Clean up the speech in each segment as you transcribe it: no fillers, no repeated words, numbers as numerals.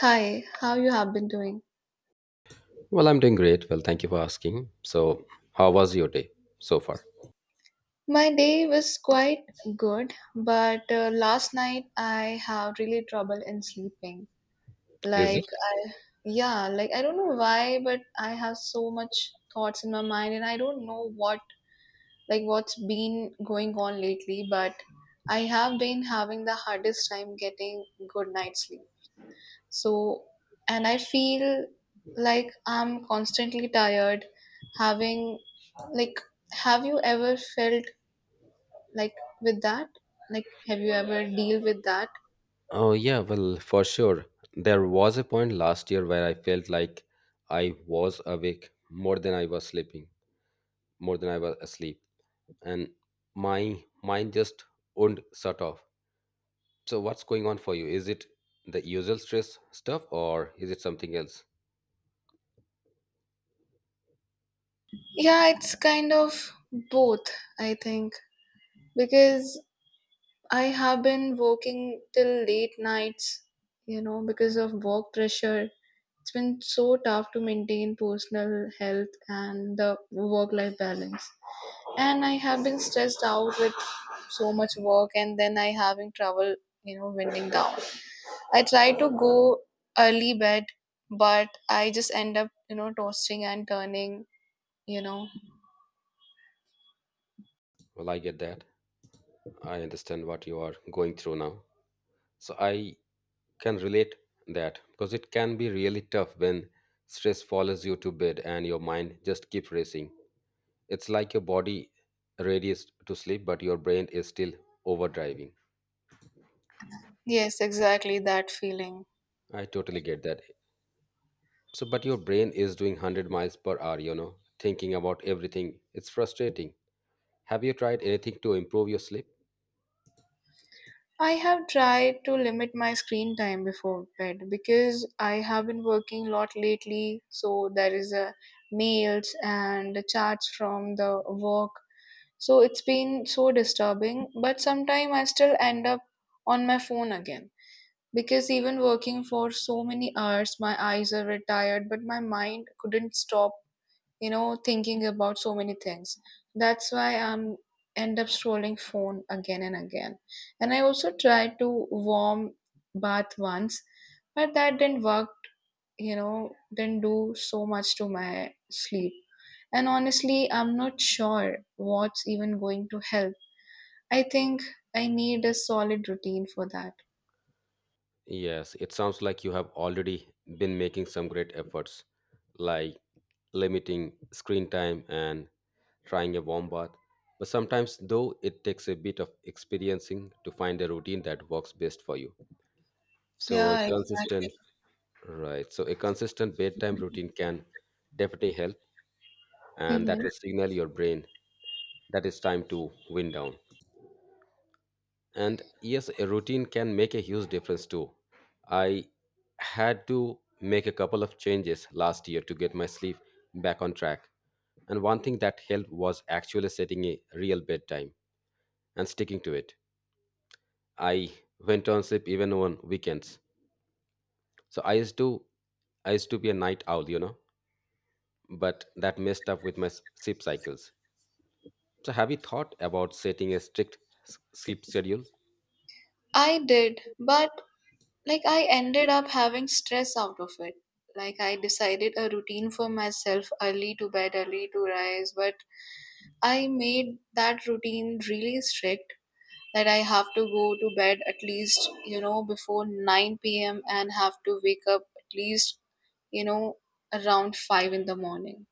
Hi, how you have been doing? Well, I'm doing great. Well, thank you for asking. So, how was your day so far? My day was quite good, but last night I have really trouble in sleeping. Is Like it? I Yeah, like I don't know why, but I have so much thoughts in my mind and I don't know what, like, what's been going on lately, but I have been having the hardest time getting good night sleep. So, and I feel like I'm constantly tired having, like, have you ever felt like with that? Like, have you ever deal with that? Oh, yeah, well, for sure. There was a point last year where I felt like I was awake more than I was sleeping, more than I was asleep, and my mind just wouldn't shut off. So, what's going on for you? Is it the usual stress stuff or is it something else? Yeah, it's kind of both, I think, because I have been working till late nights, you know, because of work pressure. It's been so tough to maintain personal health and the work life balance. And I have been stressed out with so much work, and then I having trouble, you know, winding down. I try to go early bed, but I just end up, you know, tossing and turning you know Well, I get that. I understand what you are going through now. So, I can relate that because it can be really tough when stress follows you to bed and your mind just keeps racing. It's like your body readies to sleep, but your brain is still overdriving. yes, exactly, that feeling. I totally get that. So, but your brain is doing 100 miles per hour, you know, thinking about everything. It's frustrating. Have you tried anything to improve your sleep? I have tried to limit my screen time before bed because I have been working a lot lately, so there is a mails and the chats from the work. So it's been so disturbing, but sometimes I still end up on my phone again because even working for so many hours, my eyes are tired, but my mind couldn't stop, you know, thinking about so many things. That's why I'm end up scrolling phone again and again. And I also tried to warm bath once, but that didn't work, you know, didn't do so much to my sleep. And honestly, I'm not sure what's even going to help. I think I need a solid routine for that. Yes, it sounds like you have already been making some great efforts, like limiting screen time and trying a warm bath, but sometimes, though, it takes a bit of experiencing to find a routine that works best for you. So, a Yeah, consistent, exactly. right, so a consistent bedtime routine can definitely help, and Hmm. that will signal your brain that it's time to wind down. And yes, a routine can make a huge difference too. I had to make a couple of changes last year to get my sleep back on track. And one thing that helped was actually setting a real bedtime and sticking to it. I went on sleep even on weekends. So I used to be a night owl, you know, but that messed up with my sleep cycles. So have you thought about setting a strict sleep schedule? I did, but like I ended up having stress out of it. Like I decided a routine for myself early to bed, early to rise, but I made that routine really strict that I have to go to bed at least, you know, before 9 p.m. and have to wake up at least, you know, around 5 in the morning.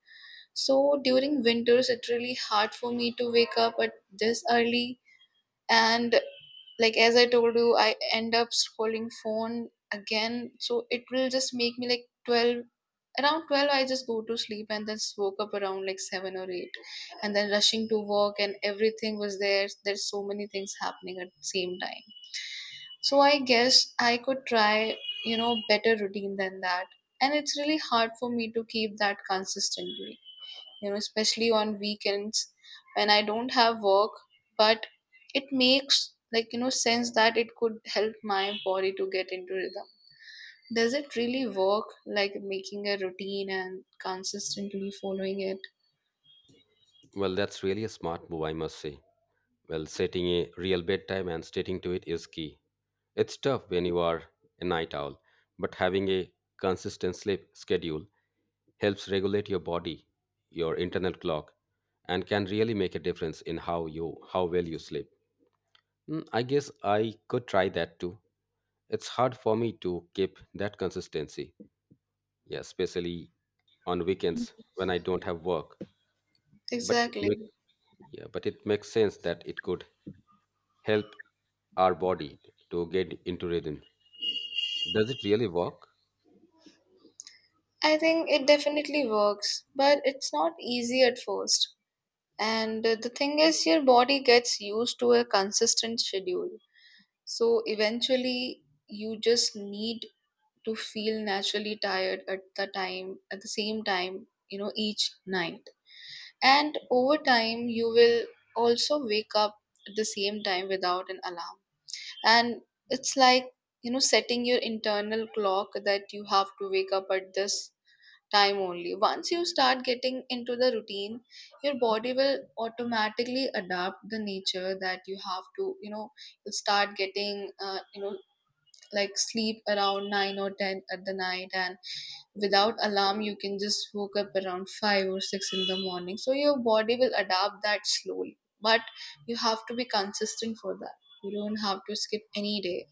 So during winters, it's really hard for me to wake up at this early. And like as I told you, I end up scrolling phone again. So it will just make me like 12, around 12 I just go to sleep and then woke up around like 7 or 8, and then rushing to work and everything was there's so many things happening at the same time. So I guess I could try, you know, better routine than that, and it's really hard for me to keep that consistently, you know, especially on weekends when I don't have work. But it makes, like, you know, sense that it could help my body to get into rhythm. Does it really work, like making a routine and consistently following it? Well, that's really a smart move, I must say. Well, setting a real bedtime and sticking to it is key. It's tough when you are a night owl, but having a consistent sleep schedule helps regulate your body, your internal clock, and can really make a difference in how well you sleep. Mm, I guess I could try that too. It's hard for me to keep that consistency. Yeah, especially on weekends when I don't have work. But it Exactly. make, yeah, but it makes sense that it could help our body to get into rhythm. Does it really work? I think it definitely works, but it's not easy at first. And the thing is your body gets used to a consistent schedule, so eventually you just need to feel naturally tired at the same time, you know, each night. And over time you will also wake up at the same time without an alarm. And it's like, you know, setting your internal clock that you have to wake up at this time only. Once you start getting into the routine, your body will automatically adapt the nature that you have to, you know, you'll start getting you know, like sleep around 9 or 10 at the night, and without alarm you can just woke up around 5 or 6 in the morning. So your body will adapt that slowly, but you have to be consistent for that. You don't have to skip any day.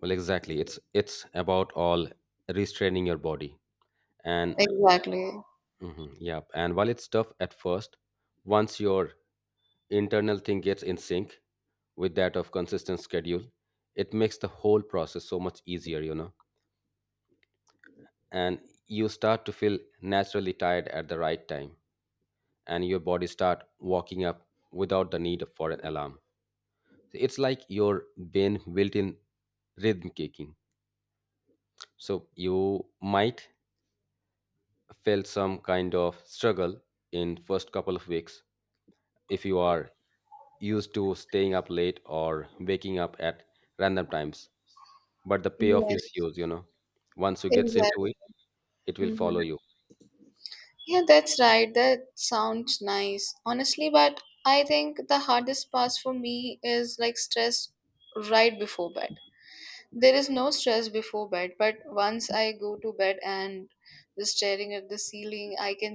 Well, exactly. It's about all restraining your body. And Exactly. mhm, yeah, and while it's tough at first, once you're internal thing gets in sync with that of consistent schedule, it makes the whole process so much easier, you know. And you start to feel naturally tired at the right time, and your body start walking up without the need for an alarm. It's like your brain built in rhythm kicking, so you might feel some kind of struggle in first couple of weeks if you are used to staying up late or waking up at random times, but the payoff is Yes, huge, you know, once you gets into exactly. it, it will follow Mhm. you. Yeah, that's right, that sounds nice honestly, but I think the hardest part for me is like stress right before bed. There is no stress before bed, but once I go to bed and just staring at the ceiling, I can,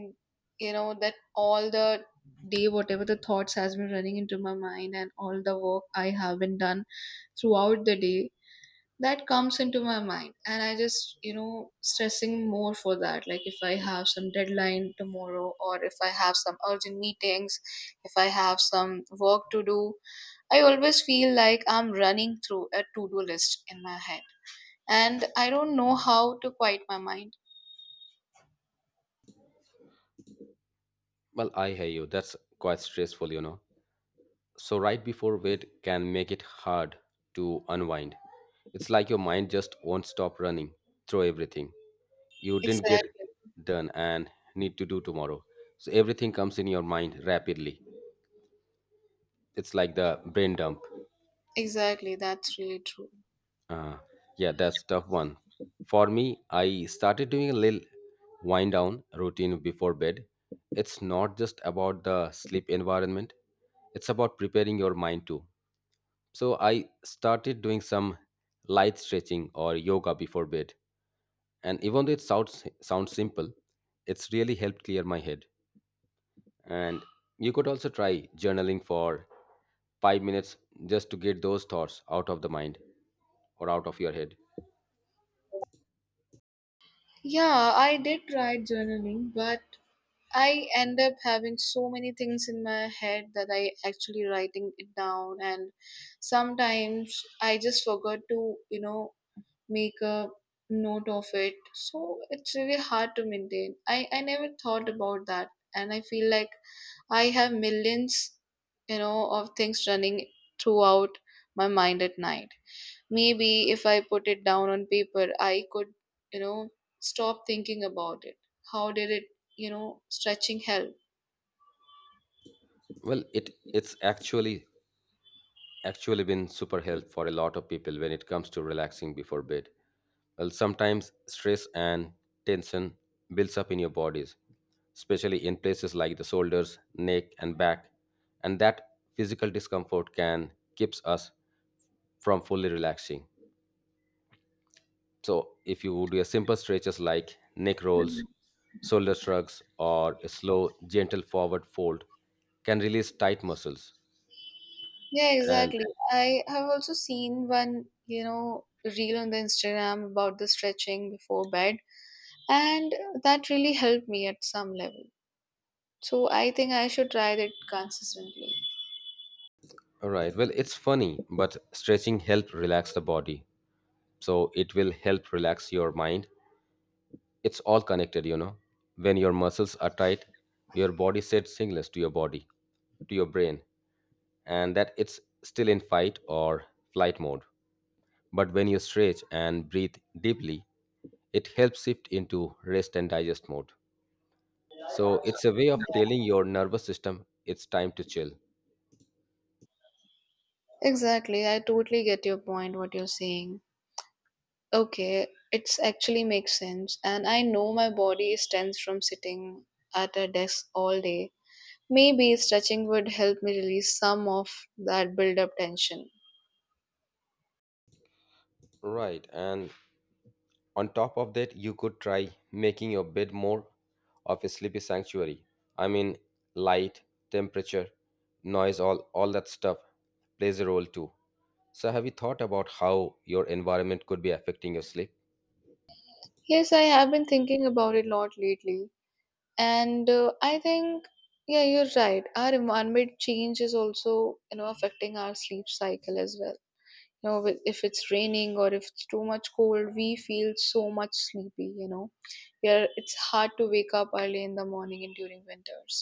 you know, that all the day, whatever the thoughts has been running into my mind and all the work I have been done throughout the day, that comes into my mind. And I just, you know, stressing more for that. Like if I have some deadline tomorrow or if I have some urgent meetings, if I have some work to do, I always feel like I'm running through a to-do list in my head and I don't know how to quiet my mind. Well, I hear you. That's quite stressful, you know. So right before bed can make it hard to unwind. It's like your mind just won't stop running through everything you didn't get Exactly. done and need to do tomorrow, so everything comes in your mind rapidly. It's like the brain dump. Exactly. That's really true. Uh, yeah, that's tough one. For me, I started doing a little wind down routine before bed. It's not just about the sleep environment, it's about preparing your mind too. So I started doing some light stretching or yoga before bed. And even though it sounds simple, it's really helped clear my head. And you could also try journaling for 5 minutes just to get those thoughts out of the mind or out of your head. Yeah, I did try journaling, but I end up having so many things in my head that I actually writing it down, and sometimes I just forgot to, you know, make a note of it. So it's really hard to maintain. I never thought about that, and I feel like I have millions, you know, of things running throughout my mind at night. Maybe if I put it down on paper, I could, you know, stop thinking about it. How did it, you know, stretching help? Well, it's actually been super help for a lot of people when it comes to relaxing before bed. Well, sometimes stress and tension builds up in your bodies, especially in places like the shoulders, neck, and back, and that physical discomfort can keeps us from fully relaxing. So, if you do a simple stretches like neck rolls, shoulder shrugs, or a slow, gentle forward fold, can release tight muscles Yeah, and exactly. I have also seen one, you know, reel on the Instagram about the stretching before bed, and that really helped me at some level. So I think I should try that consistently. All right. Well, it's funny, but stretching helps relax the body. So it will help relax your mind. It's all connected, you know. When your muscles are tight, your body sends signals to your body, to your brain, and that it's still in fight or flight mode. But when you stretch and breathe deeply, it helps shift into rest and digest mode. So it's a way of telling your nervous system it's time to chill. Exactly. I totally get your point, what you're saying. Okay, it's actually makes sense. And I know my body is tense from sitting at a desk all day. Maybe stretching would help me release some of that build up tension. Right. And on top of that, you could try making your bed more of a sleepy sanctuary. I mean, light, temperature, noise, all that stuff plays a role too. So have you thought about how your environment could be affecting your sleep? Yes, I have been thinking about it a lot lately. And I think, yeah, you're right. Our environment change is also, you know, affecting our sleep cycle as well. You know, if it's raining or if it's too much cold, we feel so much sleepy, you know, yeah, it's hard to wake up early in the morning and during winters.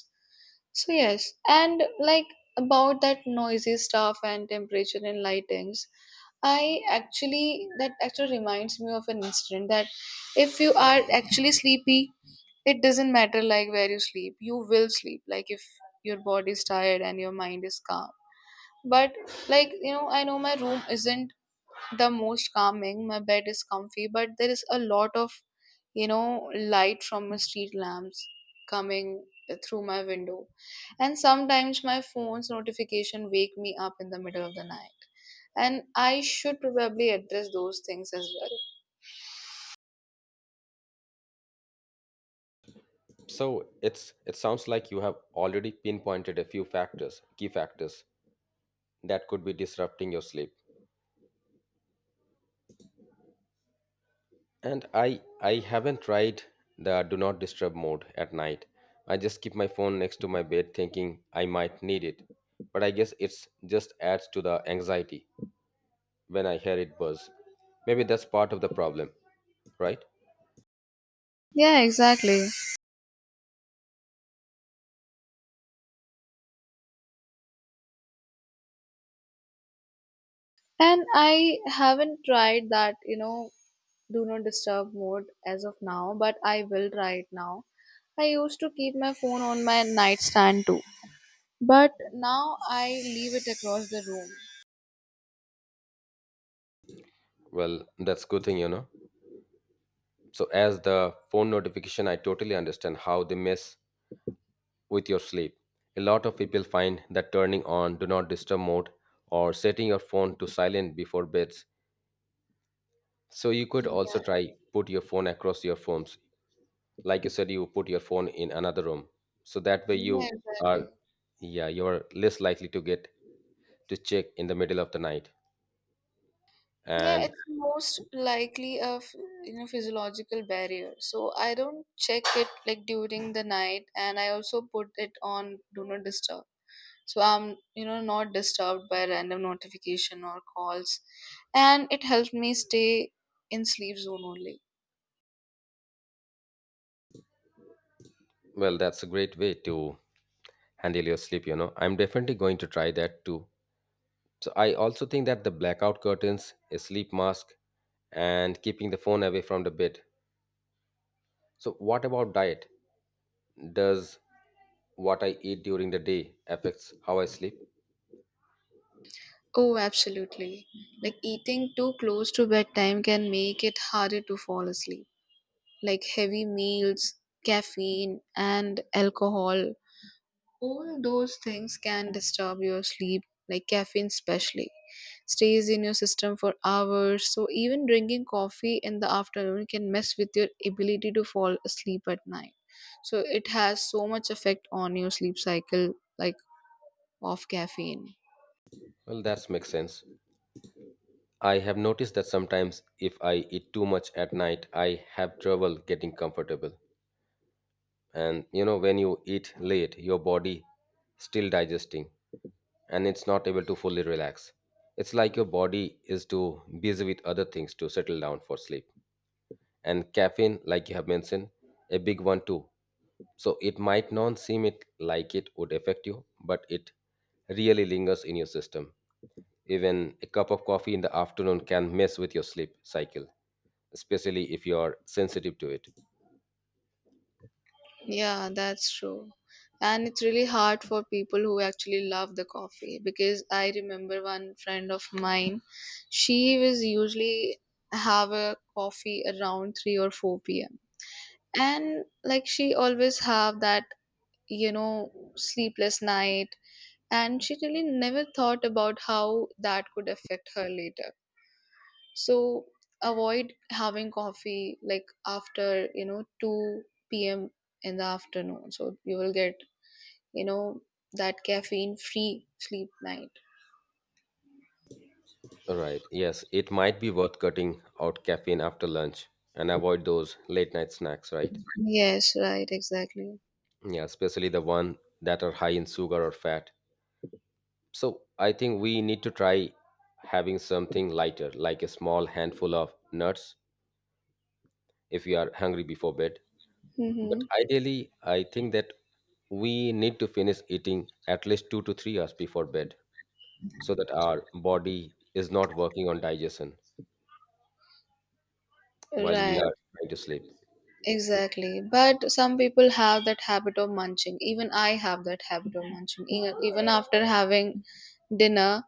So yes, and like about that noisy stuff and temperature and lightings, I actually that actually reminds me of an incident that if you are actually sleepy, it doesn't matter like where you sleep. You will sleep like if your body is tired and your mind is calm. But like, you know, I know my room isn't the most calming. My bed is comfy, but there is a lot of, you know, light from the street lamps coming through my window. And sometimes my phone's notification wake me up in the middle of the night. And I should probably address those things as well. So it sounds like you have already pinpointed a few factors, key factors that could be disrupting your sleep. And I haven't tried the do not disturb mode at night. I just keep my phone next to my bed thinking I might need it. But I guess it's just adds to the anxiety when I hear it buzz. Maybe that's part of the problem, right? Yeah, exactly. And I haven't tried that, you know, do not disturb mode as of now, but I will try it now. I used to keep my phone on my nightstand too. But now I leave it across the room. Well, that's good thing, you know. So as the phone notification, I totally understand how they mess with your sleep. A lot of people find that turning on do not disturb mode or setting your phone to silent before beds So you could also Yeah, try put your phone across your phones. Like you said, you put your phone in another room. So that way yeah, you are exactly. yeah, you're less likely to get to check in the middle of the night. Yeah, And it's most likely a you know, physiological barrier. So I don't check it like during the night, and I also put it on do not disturb. So I'm, you know, not disturbed by random notification or calls, and it helped me stay in sleep zone only. well, that's a great way to handle your sleep, you know. I'm definitely going to try that too. So I also think that the blackout curtains, a sleep mask, and keeping the phone away from the bed. So what about diet? Does what I eat during the day affects how I sleep? Oh, absolutely. Like eating too close to bedtime can make it harder to fall asleep. Like heavy meals, caffeine, and alcohol. All those things can disturb your sleep, like caffeine, especially. Stays in your system for hours, so even drinking coffee in the afternoon can mess with your ability to fall asleep at night. So it has so much effect on your sleep cycle, like of caffeine. Well, that makes sense. I have noticed that sometimes if I eat too much at night, I have trouble getting comfortable. And you know, when you eat late, your body still digesting and it's not able to fully relax. It's like your body is too busy with other things to settle down for sleep. And caffeine, like you have mentioned, a big one too. So it might not seem it like it would affect you, but it really lingers in your system. Even a cup of coffee in the afternoon can mess with your sleep cycle, especially if you are sensitive to it. Yeah, that's true. And it's really hard for people who actually love the coffee because I remember one friend of mine, she was usually have a coffee around 3 or 4 p.m. And like she always have that, you know, sleepless night, and she really never thought about how that could affect her later. So avoid having coffee like after, you know, 2 p.m. in the afternoon. So you will get, you know, that caffeine free sleep night. Right. Yes, it might be worth cutting out caffeine after lunch and avoid those late night snacks, right? Yes, right, exactly. Yeah, especially the one that are high in sugar or fat. So I think we need to try having something lighter, like a small handful of nuts if you are hungry before bed. But Mm-hmm. ideally, I think that we need to finish eating at least 2 to 3 hours before bed so that our body is not working on digestion while we Right, are trying to sleep. exactly. But some people have that habit of munching. Even I have that habit of munching. Even after having dinner,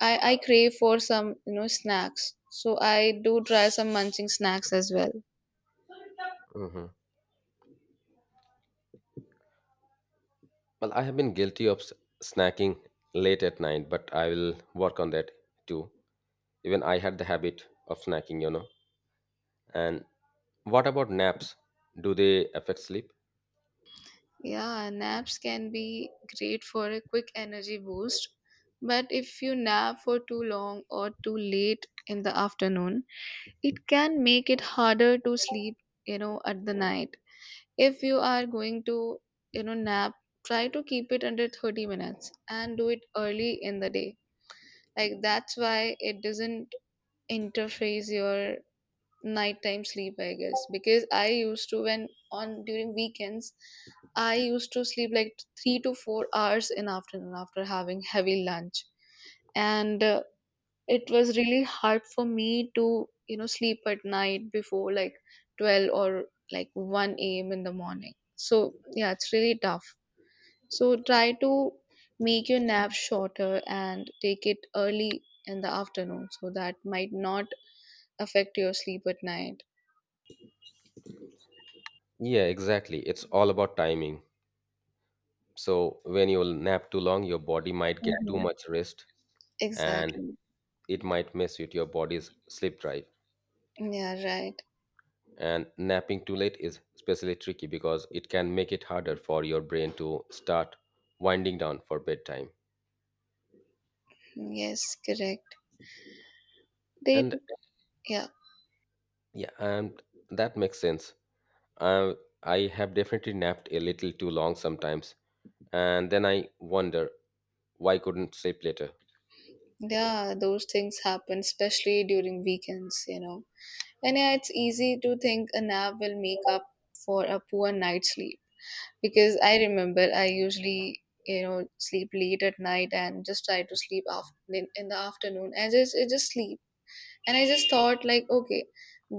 I crave for some, you know, snacks. So I do try some munching snacks as well. Hmm. Well, I have been guilty of snacking late at night, but I will work on that too. Even I had the habit of snacking, you know. And what about naps? Do they affect sleep? Yeah, naps can be great for a quick energy boost. But if you nap for too long or too late in the afternoon, it can make it harder to sleep at the night. If you are going to nap, try to keep it under 30 minutes and do it early in the day, like that's why it doesn't interface your nighttime sleep, I guess. Because I used to, when on during weekends I used to sleep like 3 to 4 hours in afternoon after having heavy lunch. And it was really hard for me to sleep at night before like 12 or like 1 a.m. in the morning, so yeah, it's really tough. So try to make your nap shorter and take it early in the afternoon so that might not affect your sleep at night. Yeah, exactly. It's all about timing. So when you nap too long, your body might get too Hmm. much rest, and Exactly. it might mess with your body's sleep drive. Yeah, right. And napping too late is especially tricky because it can make it harder for your brain to start winding down for bedtime. Yes, correct. They. And Yeah. Yeah, and that makes sense. I I have definitely napped a little too long sometimes, and then I wonder why couldn't sleep later. Yeah, those things happen especially during weekends, you know. And yeah, it's easy to think a nap will make up for a poor night's sleep because I remember I usually sleep late at night and just try to sleep after in the afternoon and just I just sleep. And I just thought like okay,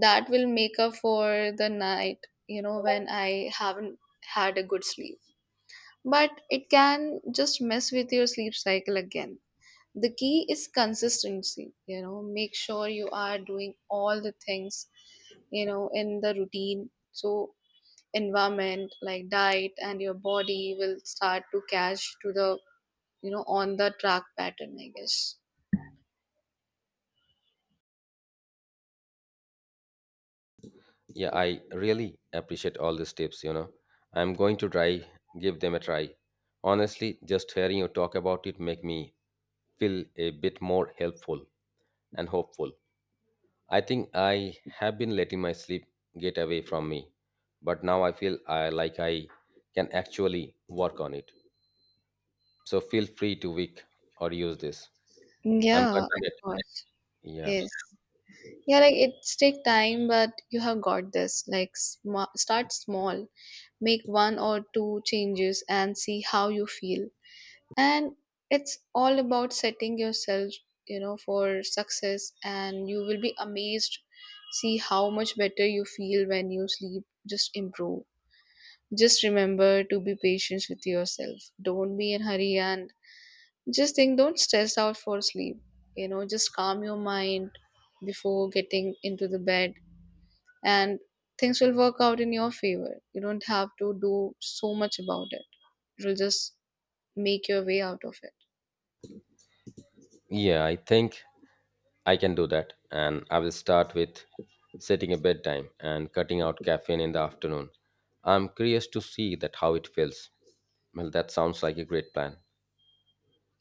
that will make up for the night, you know, when I haven't had a good sleep. But it can just mess with your sleep cycle again. The key is consistency, you know. Make sure you are doing all the things, you know, in the routine. So environment like diet and your body will start to catch to the, you know, on the track pattern, I guess. Yeah, I really appreciate all these tips, you know. I'm going to try give them a try. Honestly, just hearing you talk about it make me feel a bit more helpful and hopeful. I think I have been letting my sleep get away from me, but now I feel I like I can actually work on it. So feel free to weak or use this. I'm Yeah, of confident. course. Yeah. Yes. Yeah, like it's take time but you have got this, like sma start small, make one or two changes and see how you feel. And it's all about setting yourself, you know, for success and you will be amazed, see how much better you feel when you sleep just improve. Just remember to be patient with yourself, don't be in hurry, and just think, don't stress out for sleep, you know, just calm your mind before getting into the bed. And things will work out in your favor, you don't have to do so much about it, it will just make your way out of it. Yeah, I think I can do that. And I will start with setting a bedtime and cutting out caffeine in the afternoon. I'm curious to see that how it feels. Well, that sounds like a great plan.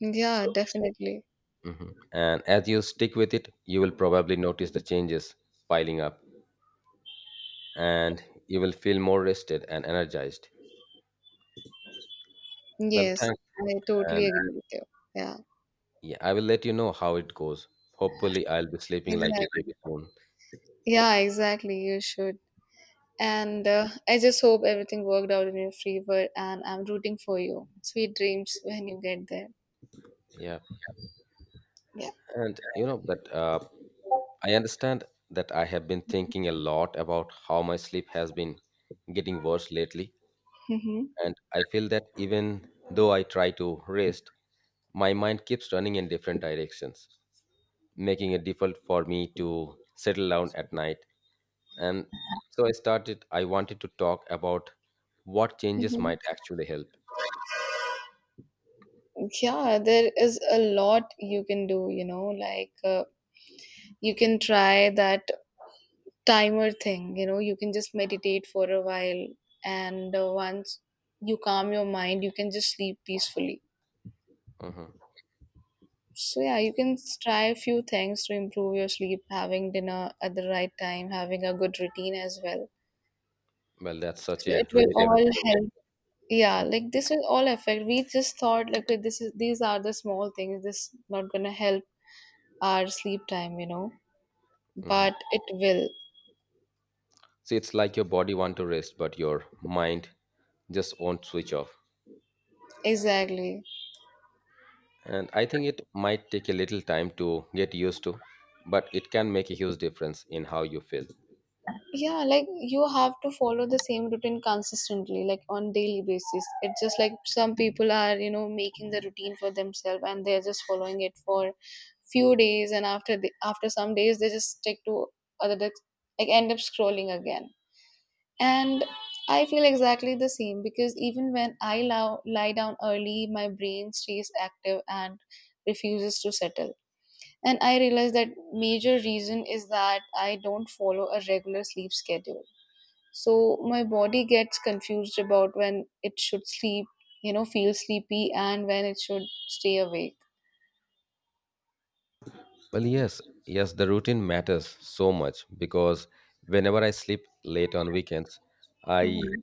Yeah, So. definitely. Mhm. And as you stick with it, you will probably notice the changes piling up, and you will feel more rested and energized. Well, Yes, thanks. I totally And agree with you. Yeah, yeah, I will let you know how it goes. Hopefully, I'll be sleeping like a baby exactly. soon. Yeah, exactly. You should. And I just hope everything worked out in your favor, and I'm rooting for you. Sweet dreams when you get there. Yeah. Yeah. And you know that I understand that I have been thinking a lot about how my sleep has been getting worse lately. Mm-hmm. And I feel that even though I try to rest, my mind keeps running in different directions, making it difficult for me to settle down at night. And so I started, I wanted to talk about what changes Mm-hmm. might actually help. Yeah, there is a lot you can do, you know, like you can try that timer thing, you know, you can just meditate for a while, and once you calm your mind, you can just sleep peacefully. Mhm. So yeah, you can try a few things to improve your sleep, having dinner at the right time, having a good routine as well. Well, that's So such yeah, a it will relatable all exactly story. help. Yeah, like this will all affect. We just thought like okay, this is these are the small things. This not gonna help our sleep time, you know, Mhm. but it will. So it's like your body want to rest, but your mind just won't switch off. Exactly. And I think it might take a little time to get used to, but it can make a huge difference in how you feel. Yeah, like you have to follow the same routine consistently like on daily basis, it's just like some people are, you know, making the routine for themselves and they're just following it for few days and after after some days they just stick to other dis- like end up scrolling again. And I feel exactly the same because even when I lie down early my brain stays active and refuses to settle. And I realize that major reason is that I don't follow a regular sleep schedule, so my body gets confused about when it should sleep, you know, feel sleepy, and when it should stay awake. Well, yes, yes, the routine matters so much because whenever I sleep late on weekends, I Mhm.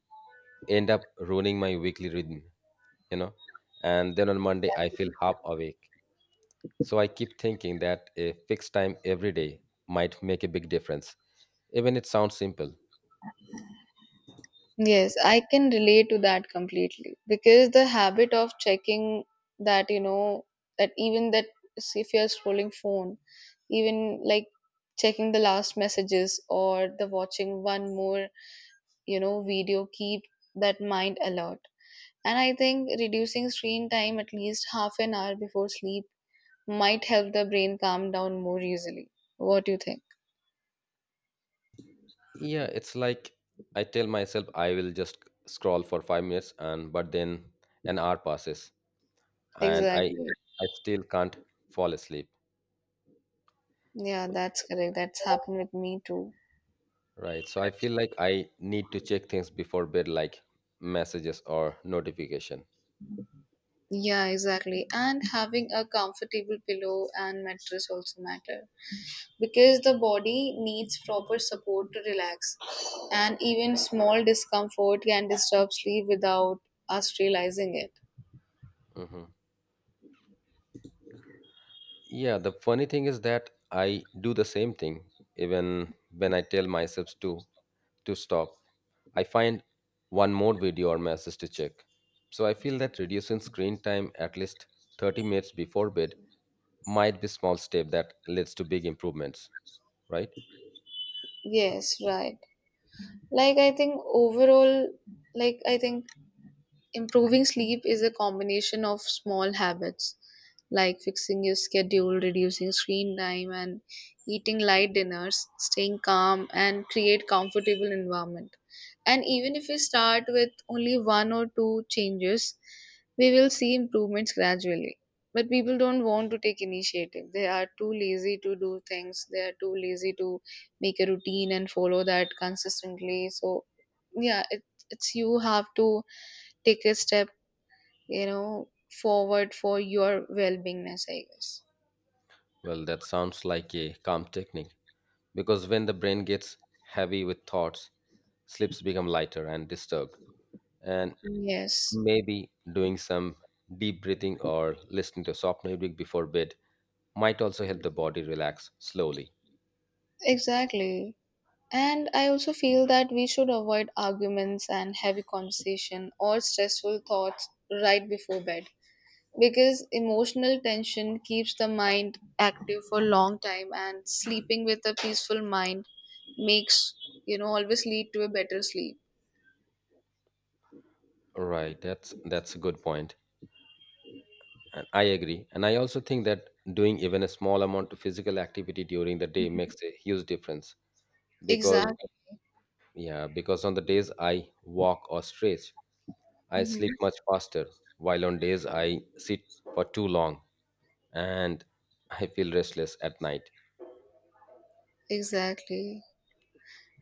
end up ruining my weekly rhythm, you know, and then on Monday I feel Exactly. half awake. So I keep thinking that a fixed time every day might make a big difference, even it sounds simple. Yes, I can relate to that completely because the habit of checking that, you know, that even that, see if you're scrolling phone, even, like, checking the last messages or the watching one more, you know, video keep that mind alert. And I think reducing screen time at least half an hour before sleep might help the brain calm down more easily. What do you think? Yeah, it's like I tell myself I will just scroll for 5 minutes and but then an hour passes, and i Exactly. i still can't fall asleep. Yeah, that's correct. That's happened with me too. Right, so I feel like I need to check things before bed, like messages or notification. Yeah, exactly. And having a comfortable pillow and mattress also matter because the body needs proper support to relax. And even small discomfort can disturb sleep without us realizing it. Hmm. Yeah, the funny thing is that I do the same thing even when I tell myself to stop. I find one more video or message to check. So I feel that reducing screen time at least 30 minutes before bed might be small step that leads to big improvements, right? Yes, right. Like I think overall, like I think improving sleep is a combination of small habits like fixing your schedule, reducing screen time, and eating light dinners, staying calm, and create comfortable environment. And even if we start with only one or two changes, we will see improvements gradually. But people don't want to take initiative. They are too lazy to do things. They are too lazy to make a routine and follow that consistently. So yeah, it's you have to take a step, you know, forward for your well-beingness, I guess. Well, that sounds like a calm technique because when the brain gets heavy with thoughts, sleeps become lighter and disturbed. And Yes, maybe doing some deep breathing or listening to soft music before bed might also help the body relax slowly. exactly. And I also feel that we should avoid arguments and heavy conversation or stressful thoughts right before bed because emotional tension keeps the mind active for a long time, and sleeping with a peaceful mind makes, you know, always lead to a better sleep. Right, that's a good point. And I agree. And I also think that doing even a small amount of physical activity during the day makes a huge difference because Exactly. yeah, because on the days I walk or stretch, I Hmm. sleep much faster, while on days I sit for too long, and I feel restless at night. Exactly.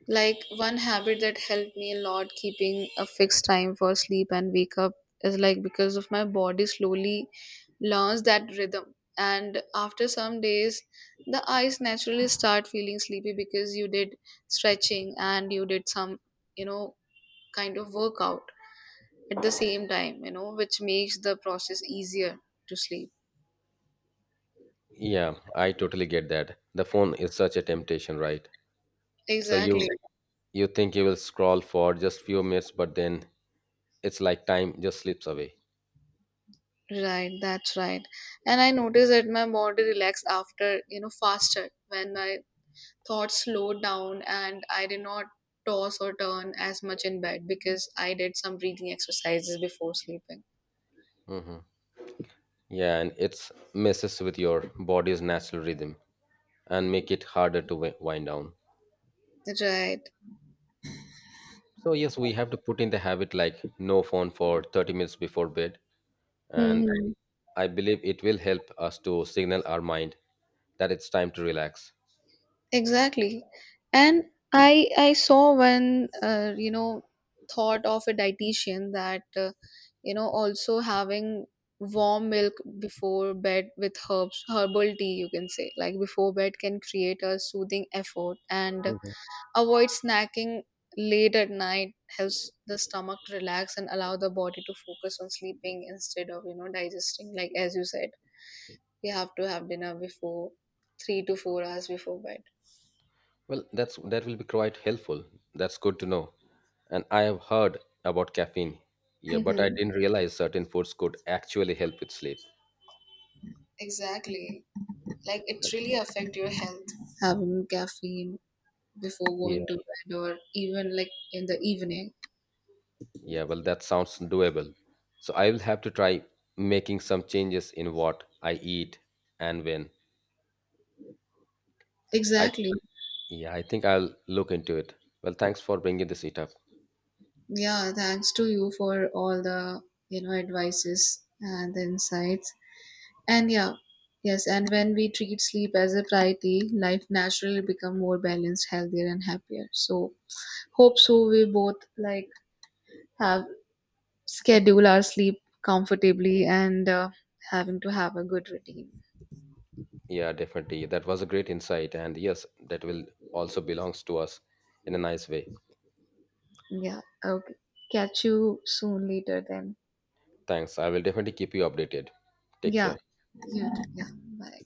Like one habit that helped me a lot, keeping a fixed time for sleep and wake up, is like because of my body slowly learns that rhythm. And after some days, the eyes naturally start feeling sleepy because you did stretching and you did some, you know, kind of workout at the same time, you know, which makes the process easier to sleep. Yeah, I totally get that. The phone is such a temptation, right? So Exactly. you think you will scroll for just few minutes, but then it's like time just slips away. Right, that's right. And I noticed that my body relaxed after, you know, faster when my thoughts slowed down and I did not toss or turn as much in bed because I did some breathing exercises before sleeping. Hmm. Yeah, and it's messes with your body's natural rhythm and make it harder to wind down. Right. So yes, we have to put in the habit like no phone for 30 minutes before bed, and Hmm. I believe it will help us to signal our mind that it's time to relax. Exactly. And I saw one you know, thought of a dietitian that you know, also having warm milk before bed with herbs herbal tea you can say, like before bed, can create a soothing effort. And avoid snacking late at night helps the stomach to relax and allow the body to focus on sleeping instead of, you know, digesting. Like as you said, we have to have dinner before 3 to 4 hours before bed. Well, that's that will be quite helpful. That's good to know. And I have heard about caffeine. Yeah, Yeah. but I Mm-hmm. didn't realize certain foods could actually help with sleep. Exactly. Like it really affect your health. Having caffeine before Yeah. going to bed or even like in the evening. Yeah, well, that sounds doable. So I will have to try making some changes in what I eat and when. I Exactly. yeah, I think I'll look into it. Well, thanks for bringing this it up. Yeah, thanks to you for all the, you know, advices and the insights. And yeah, yes, and when we treat sleep as a priority, life naturally become more balanced, healthier, and happier. So hope so we both like have schedule our sleep comfortably and having to have a good routine. Yeah, definitely. That was a great insight, and yes, that will also belongs to us in a nice way. Yeah. Okay. Catch you soon later then. Thanks. I will definitely keep you updated. Take Yeah. care. Yeah. Yeah. Bye.